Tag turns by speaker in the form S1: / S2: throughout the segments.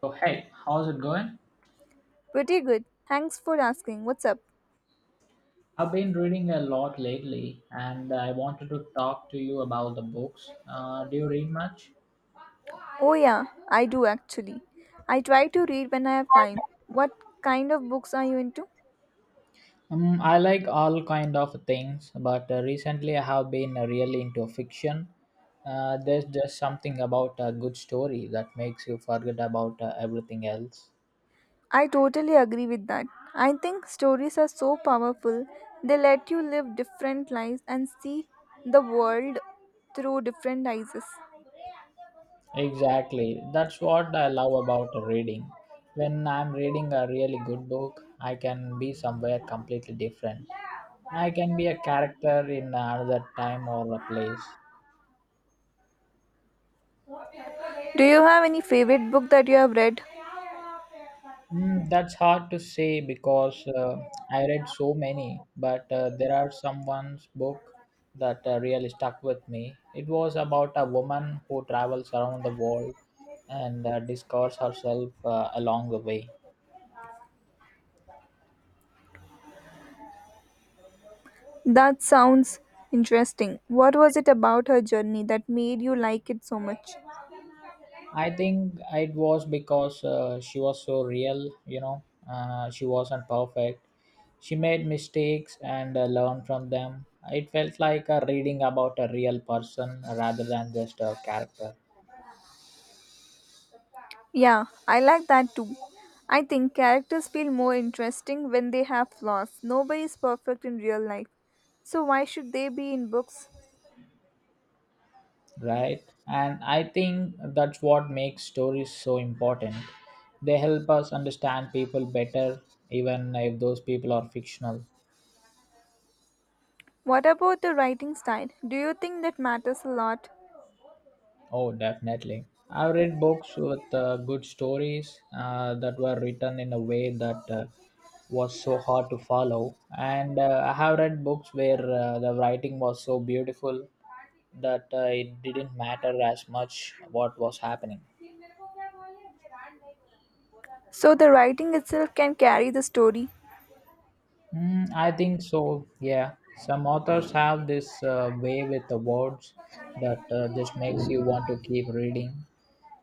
S1: So, hey, how's it going?
S2: Pretty good. Thanks for asking. What's up?
S1: I've been reading a lot lately and I wanted to talk to you about the books. Do you read much?
S2: Oh, yeah, I do actually. I try to read when I have time. What kind of books are you into?
S1: I like all kind of things, but recently I have been really into fiction. There's just something about a good story that makes you forget about everything else.
S2: I totally agree with that. I think stories are so powerful. They let you live different lives and see the world through different eyes.
S1: Exactly. That's what I love about reading. When I'm reading a really good book, I can be somewhere completely different. I can be a character in another time or a place.
S2: Do you have any favorite book that you have read?
S1: That's hard to say because I read so many, but there are someone's book that really stuck with me. It was about a woman who travels around the world and discovers herself along the way.
S2: That sounds interesting. What was it about her journey that made you like it so much?
S1: I think it was because she was so real, you know. She wasn't perfect. She made mistakes and learned from them. It felt like reading about a real person rather than just a character,
S2: Yeah, I like that too. I think characters feel more interesting when they have flaws. Nobody is perfect in real life. So why should they be in books?
S1: right? And I think that's what makes stories so important. They help us understand people better, even if those people are fictional.
S2: What about the writing style? Do you think that matters a lot?
S1: Oh, definitely. I've read books with good stories that were written in a way that was so hard to follow. And I have read books where the writing was so beautiful that it didn't matter as much what was happening.
S2: So the writing itself can carry the story.
S1: I think so, yeah. Some authors have this way with the words that just makes you want to keep reading.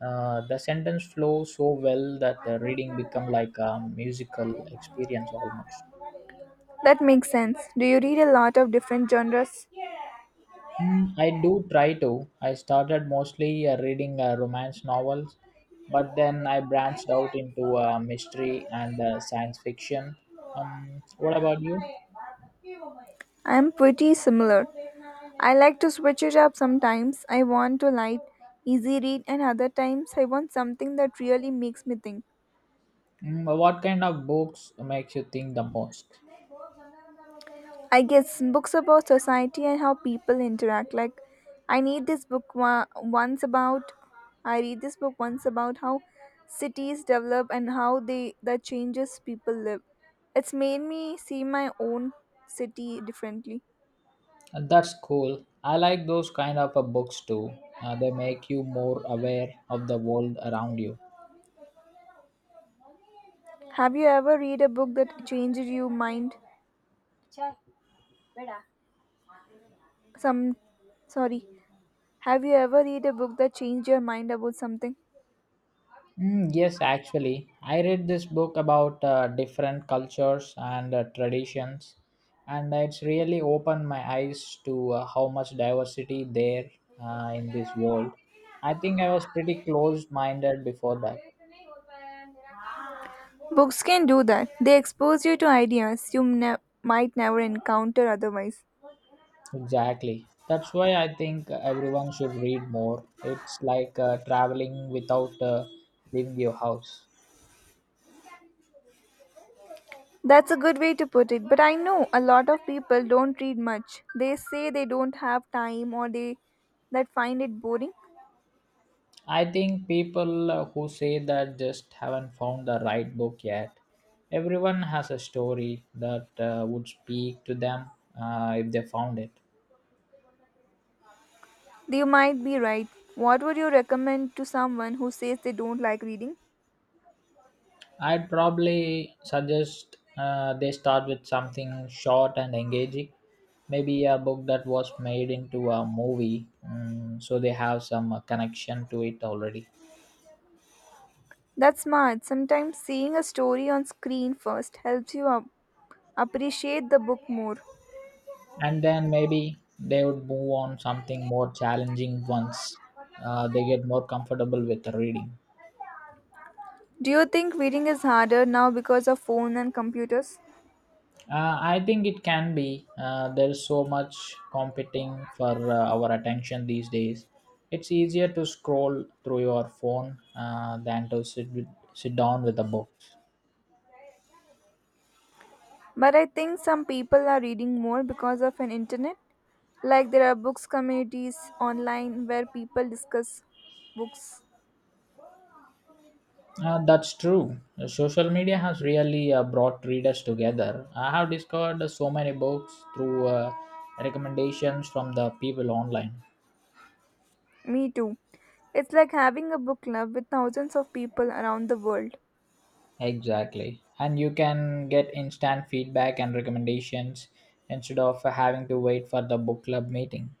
S1: The sentence flow so well that the reading become like a musical experience almost.
S2: That makes sense. Do you read a lot of different genres?
S1: I do try to. I started mostly reading romance novels, but then I branched out into mystery and science fiction. What about you?
S2: I am pretty similar. I like to switch it up sometimes. I want to light, easy read, and other times I want something that really makes me think.
S1: What kind of books makes you think the most?
S2: I guess books about society and how people interact. Like, I need this book wa- once about. I read this book once about how cities develop and how they that changes people live. It's made me see my own city differently.
S1: That's cool. I like those kind of books too. They make you more aware of the world around you.
S2: Have you ever read a book that changed your mind? Some, sorry. Have you ever read a book that changed your mind about something?
S1: Yes, actually, I read this book about different cultures and traditions, and it's really opened my eyes to how much diversity there in this world. I think I was pretty closed-minded before that.
S2: Books can do that. They expose you to ideas might never encounter otherwise.
S1: Exactly. That's why I think everyone should read more. It's like traveling without leaving your house.
S2: That's a good way to put it, but I know a lot of people don't read much. They say they don't have time or they that find it boring.
S1: I think people who say that just haven't found the right book yet. Everyone has a story that would speak to them if they found it.
S2: You might be right. What would you recommend to someone who says they don't like reading?
S1: I'd probably suggest they start with something short and engaging, maybe a book that was made into a movie, mm, so they have some connection to it already.
S2: That's smart. Sometimes seeing a story on screen first helps you up appreciate the book more.
S1: And then maybe they would move on something more challenging once they get more comfortable with reading.
S2: Do you think reading is harder now because of phone and computers?
S1: I think it can be. There's so much competing for our attention these days. It's easier to scroll through your phone than to sit down with a book.
S2: But I think some people are reading more because of an internet. Like there are books communities online where people discuss books.
S1: That's true. Social media has really brought readers together. I have discovered so many books through recommendations from the people online.
S2: Me too. It's like having a book club with thousands of people around the world.
S1: Exactly. And you can get instant feedback and recommendations instead of having to wait for the book club meeting.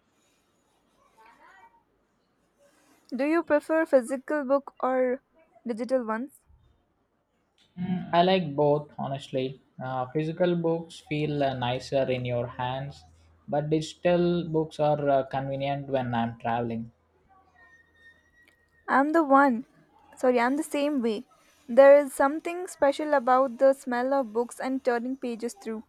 S2: Do you prefer physical book or digital ones?
S1: I like both, honestly. Physical books feel nicer in your hands, but digital books are convenient when I'm traveling.
S2: I'm the one. I'm the same way. There is something special about the smell of books and turning pages through.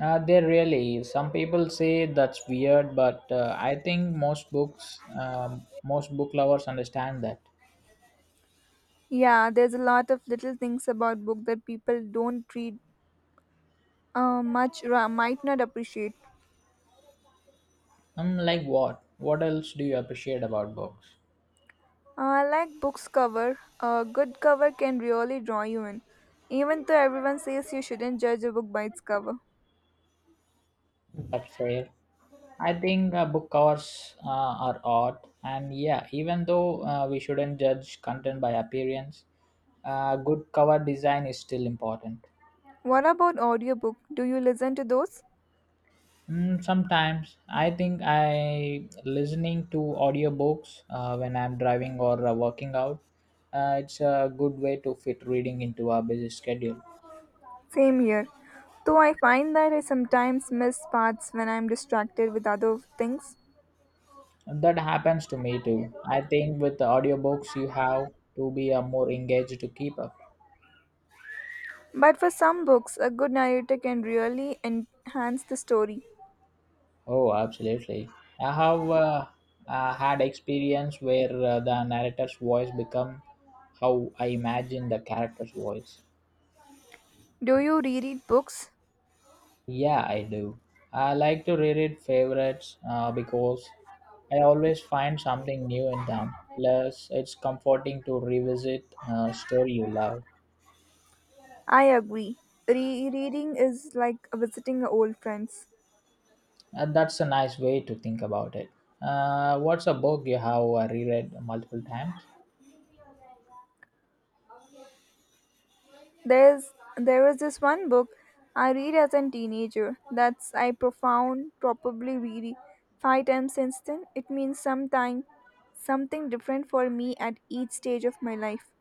S1: Some people say that's weird, but I think most books, most book lovers understand that.
S2: Yeah, there's a lot of little things about book that people don't read much or might not appreciate.
S1: I'm like, what? What else do you appreciate about books?
S2: I like books cover. A good cover can really draw you in, even though everyone says you shouldn't judge a book by its cover.
S1: That's fair. I think book covers are art, and yeah, even though we shouldn't judge content by appearance, good cover design is still important.
S2: What about audiobook? Do you listen to those?
S1: Sometimes I think I listening to audiobooks when I'm driving or working out. It's a good way to fit reading into a busy schedule.
S2: Same here. Though I find that I sometimes miss parts when I'm distracted with other things.
S1: That happens to me too. I think with the audiobooks, you have to be more engaged to keep up.
S2: But for some books, a good narrator can really enhance the story.
S1: Oh, absolutely. I have had experience where the narrator's voice become how I imagine the character's voice.
S2: Do you reread books?
S1: Yeah, I do. I like to reread favorites because I always find something new in them. Plus, it's comforting to revisit a story you love.
S2: I agree. Rereading is like visiting old friends.
S1: And that's a nice way to think about it. What's a book you have reread multiple times?
S2: There's there was this one book I read as a teenager that's I profound probably read five times since then. It means sometime something different for me at each stage of my life.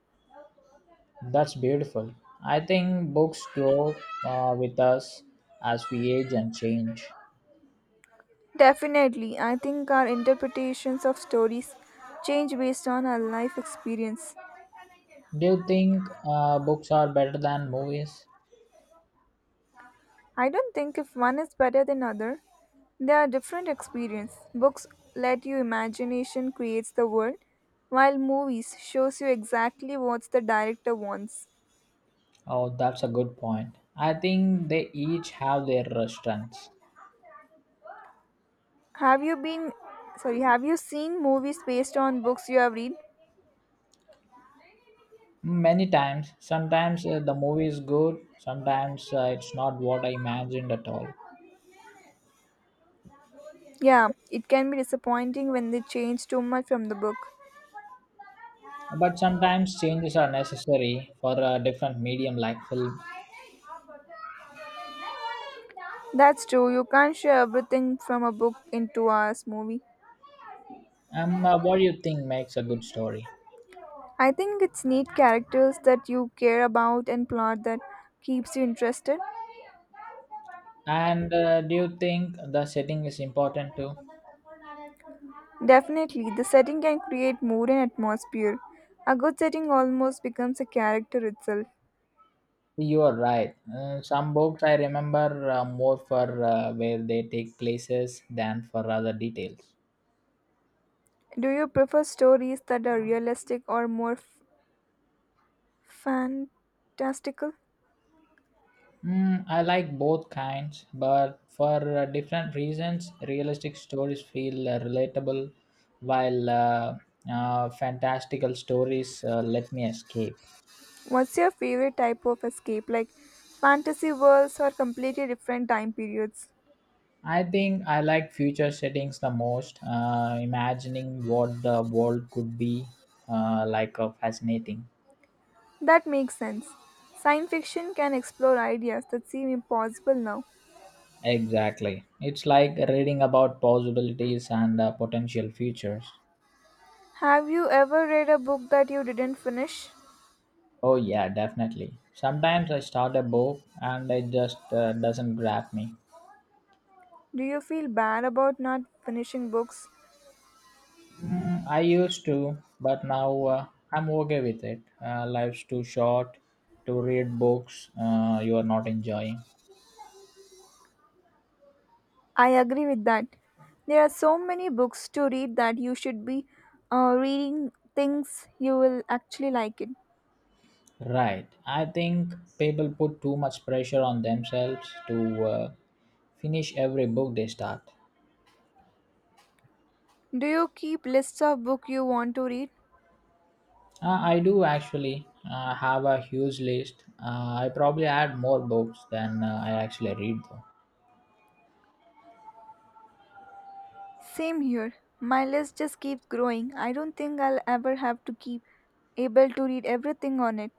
S1: That's beautiful. I think books grow with us as we age and change.
S2: Definitely, I think our interpretations of stories change based on our life experience.
S1: Do you think books are better than movies?
S2: I don't think if one is better than other. They are different experience. Books let you imagination creates the world, while movies shows you exactly what the director wants.
S1: Oh, that's a good point. I think they each have their strengths.
S2: Have you been have you seen movies based on books you have read?
S1: Many times, sometimes the movie is good, sometimes it's not what I imagined at all.
S2: Yeah, it can be disappointing when they change too much from the book.
S1: But sometimes changes are necessary for a different medium like film.
S2: That's true, you can't share everything from a book into a movie.
S1: What do you think makes a good story?
S2: I think it's neat characters that you care about and plot that keeps you interested.
S1: And do you think the setting is important too?
S2: Definitely, the setting can create mood and atmosphere. A good setting almost becomes a character itself.
S1: You are right. Some books I remember more for where they take places than for other details.
S2: Do you prefer stories that are realistic or fantastical?
S1: I like both kinds, but for different reasons, realistic stories feel relatable, while fantastical stories let me escape.
S2: What's your favorite type of escape, like fantasy worlds or completely different time periods?
S1: I think I like future settings the most. Imagining what the world could be like fascinating.
S2: That makes sense. Science fiction can explore ideas that seem impossible now.
S1: Exactly. It's like reading about possibilities and potential futures.
S2: Have you ever read a book that you didn't finish?
S1: Oh, yeah, definitely. Sometimes I start a book and it just doesn't grab me.
S2: Do you feel bad about not finishing books?
S1: I used to, but now I'm okay with it. Life's too short to read books you are not enjoying.
S2: I agree with that. There are so many books to read that you should be reading things you will actually like it.
S1: Right. I think people put too much pressure on themselves to finish every book they start.
S2: Do you keep lists of books you want to read?
S1: I do actually have a huge list. I probably add more books than I actually read, though.
S2: Same here. My list just keeps growing. I don't think I'll ever have to keep able to read everything on it.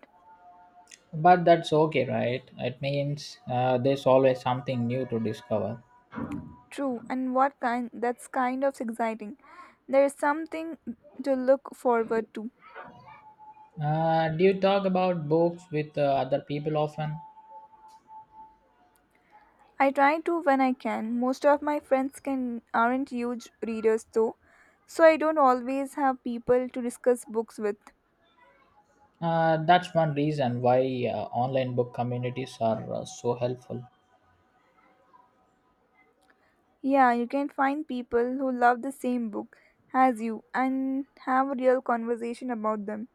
S1: But that's okay, right? It means there's always something new to discover.
S2: True, and what kind that's kind of exciting. There is something to look forward to.
S1: Do you talk about books with other people often?
S2: I try to when I can. Most of my friends can aren't huge readers though, so I don't always have people to discuss books with.
S1: That's one reason why online book communities are so helpful.
S2: Yeah, you can find people who love the same book as you and have a real conversation about them.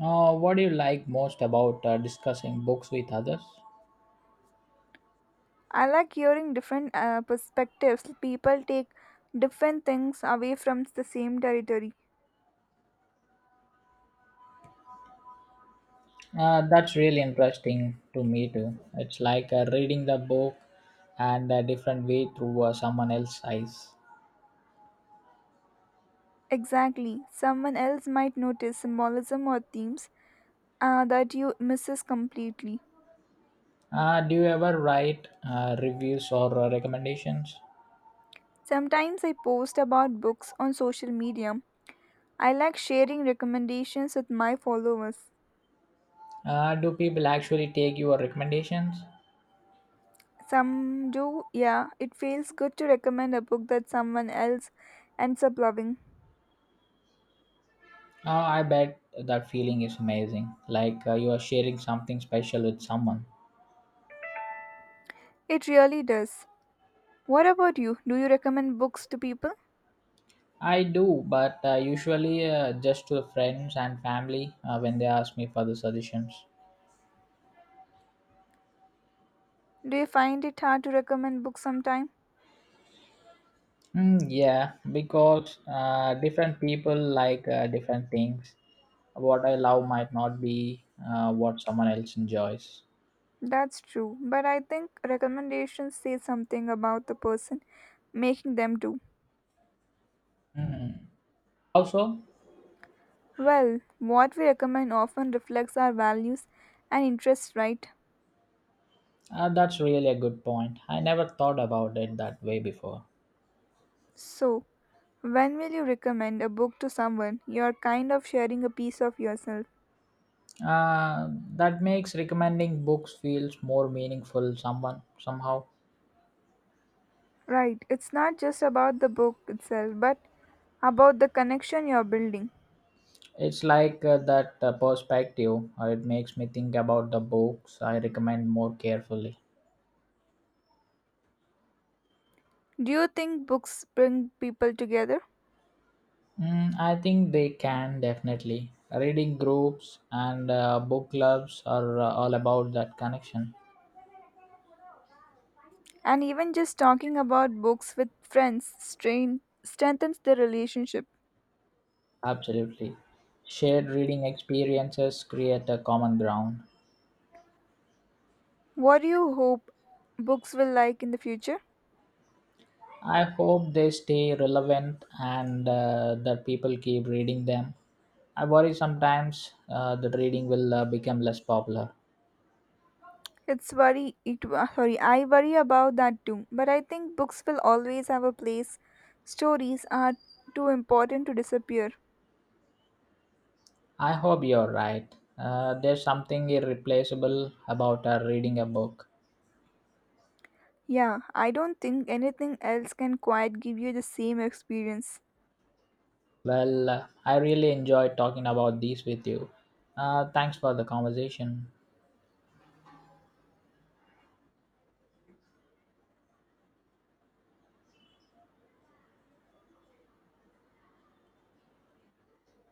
S1: What do you like most about discussing books with others?
S2: I like hearing different perspectives. People take different things away from the same territory.
S1: That's really interesting to me too. It's like reading the book and a different way through someone else's eyes.
S2: Exactly. Someone else might notice symbolism or themes that you misses completely.
S1: Do you ever write reviews or recommendations?
S2: Sometimes I post about books on social media. I like sharing recommendations with my followers.
S1: Do people actually take your recommendations?
S2: Some do, yeah. It feels good to recommend a book that someone else ends up loving.
S1: I bet that feeling is amazing. Like you are sharing something special with someone.
S2: It really does. What about you? Do you recommend books to people?
S1: I do, but usually just to friends and family when they ask me for the suggestions.
S2: Do you find it hard to recommend books sometime?
S1: Yeah, because different people like different things. What I love might not be what someone else enjoys.
S2: That's true, but I think recommendations say something about the person making them do.
S1: Mm. Also,
S2: Well, what we recommend often reflects our values and interests, right?
S1: that's really a good point. I never thought about it that way before.
S2: So, when will you recommend a book to someone? You're kind of sharing a piece of yourself.
S1: Uh, that makes recommending books feels more meaningful someone somehow.
S2: Right, it's not just about the book itself, but about the connection you're building.
S1: It's like that perspective. It makes me think about the books I recommend more carefully.
S2: Do you think books bring people together?
S1: I think they can definitely. Reading groups and book clubs are all about that connection.
S2: And even just talking about books with strengthens the relationship.
S1: Absolutely. Shared reading experiences create a common ground.
S2: What do you hope books will like in the future?
S1: I hope they stay relevant and that people keep reading them. I worry sometimes that reading will become less popular.
S2: It's worry it wo- sorry, I worry about that too. But I think books will always have a place. Stories are too important to disappear.
S1: I hope you're right. There's something irreplaceable about reading a book.
S2: Yeah, I don't think anything else can quite give you the same experience.
S1: Well, I really enjoyed talking about these with you. Thanks for the conversation.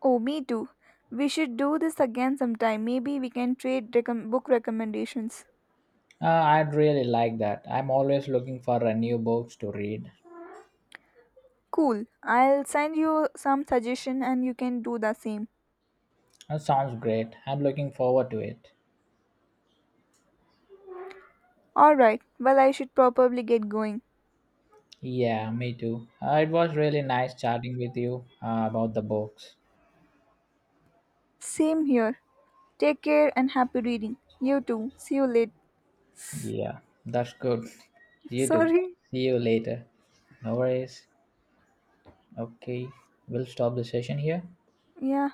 S2: Oh, me too. We should do this again sometime. Maybe we can trade book recommendations.
S1: I'd really like that. I'm always looking for new books to read.
S2: Cool. I'll send you some suggestion and you can do the same.
S1: That sounds great. I'm looking forward to it.
S2: All right. Well, I should probably get going.
S1: Yeah, me too. It was really nice chatting with you about the books.
S2: Same here. Take care and happy reading. You too. See you later.
S1: Yeah, that's good. You too.
S2: Sorry.
S1: See you later. No worries. Okay, we'll stop the session here.
S2: Yeah,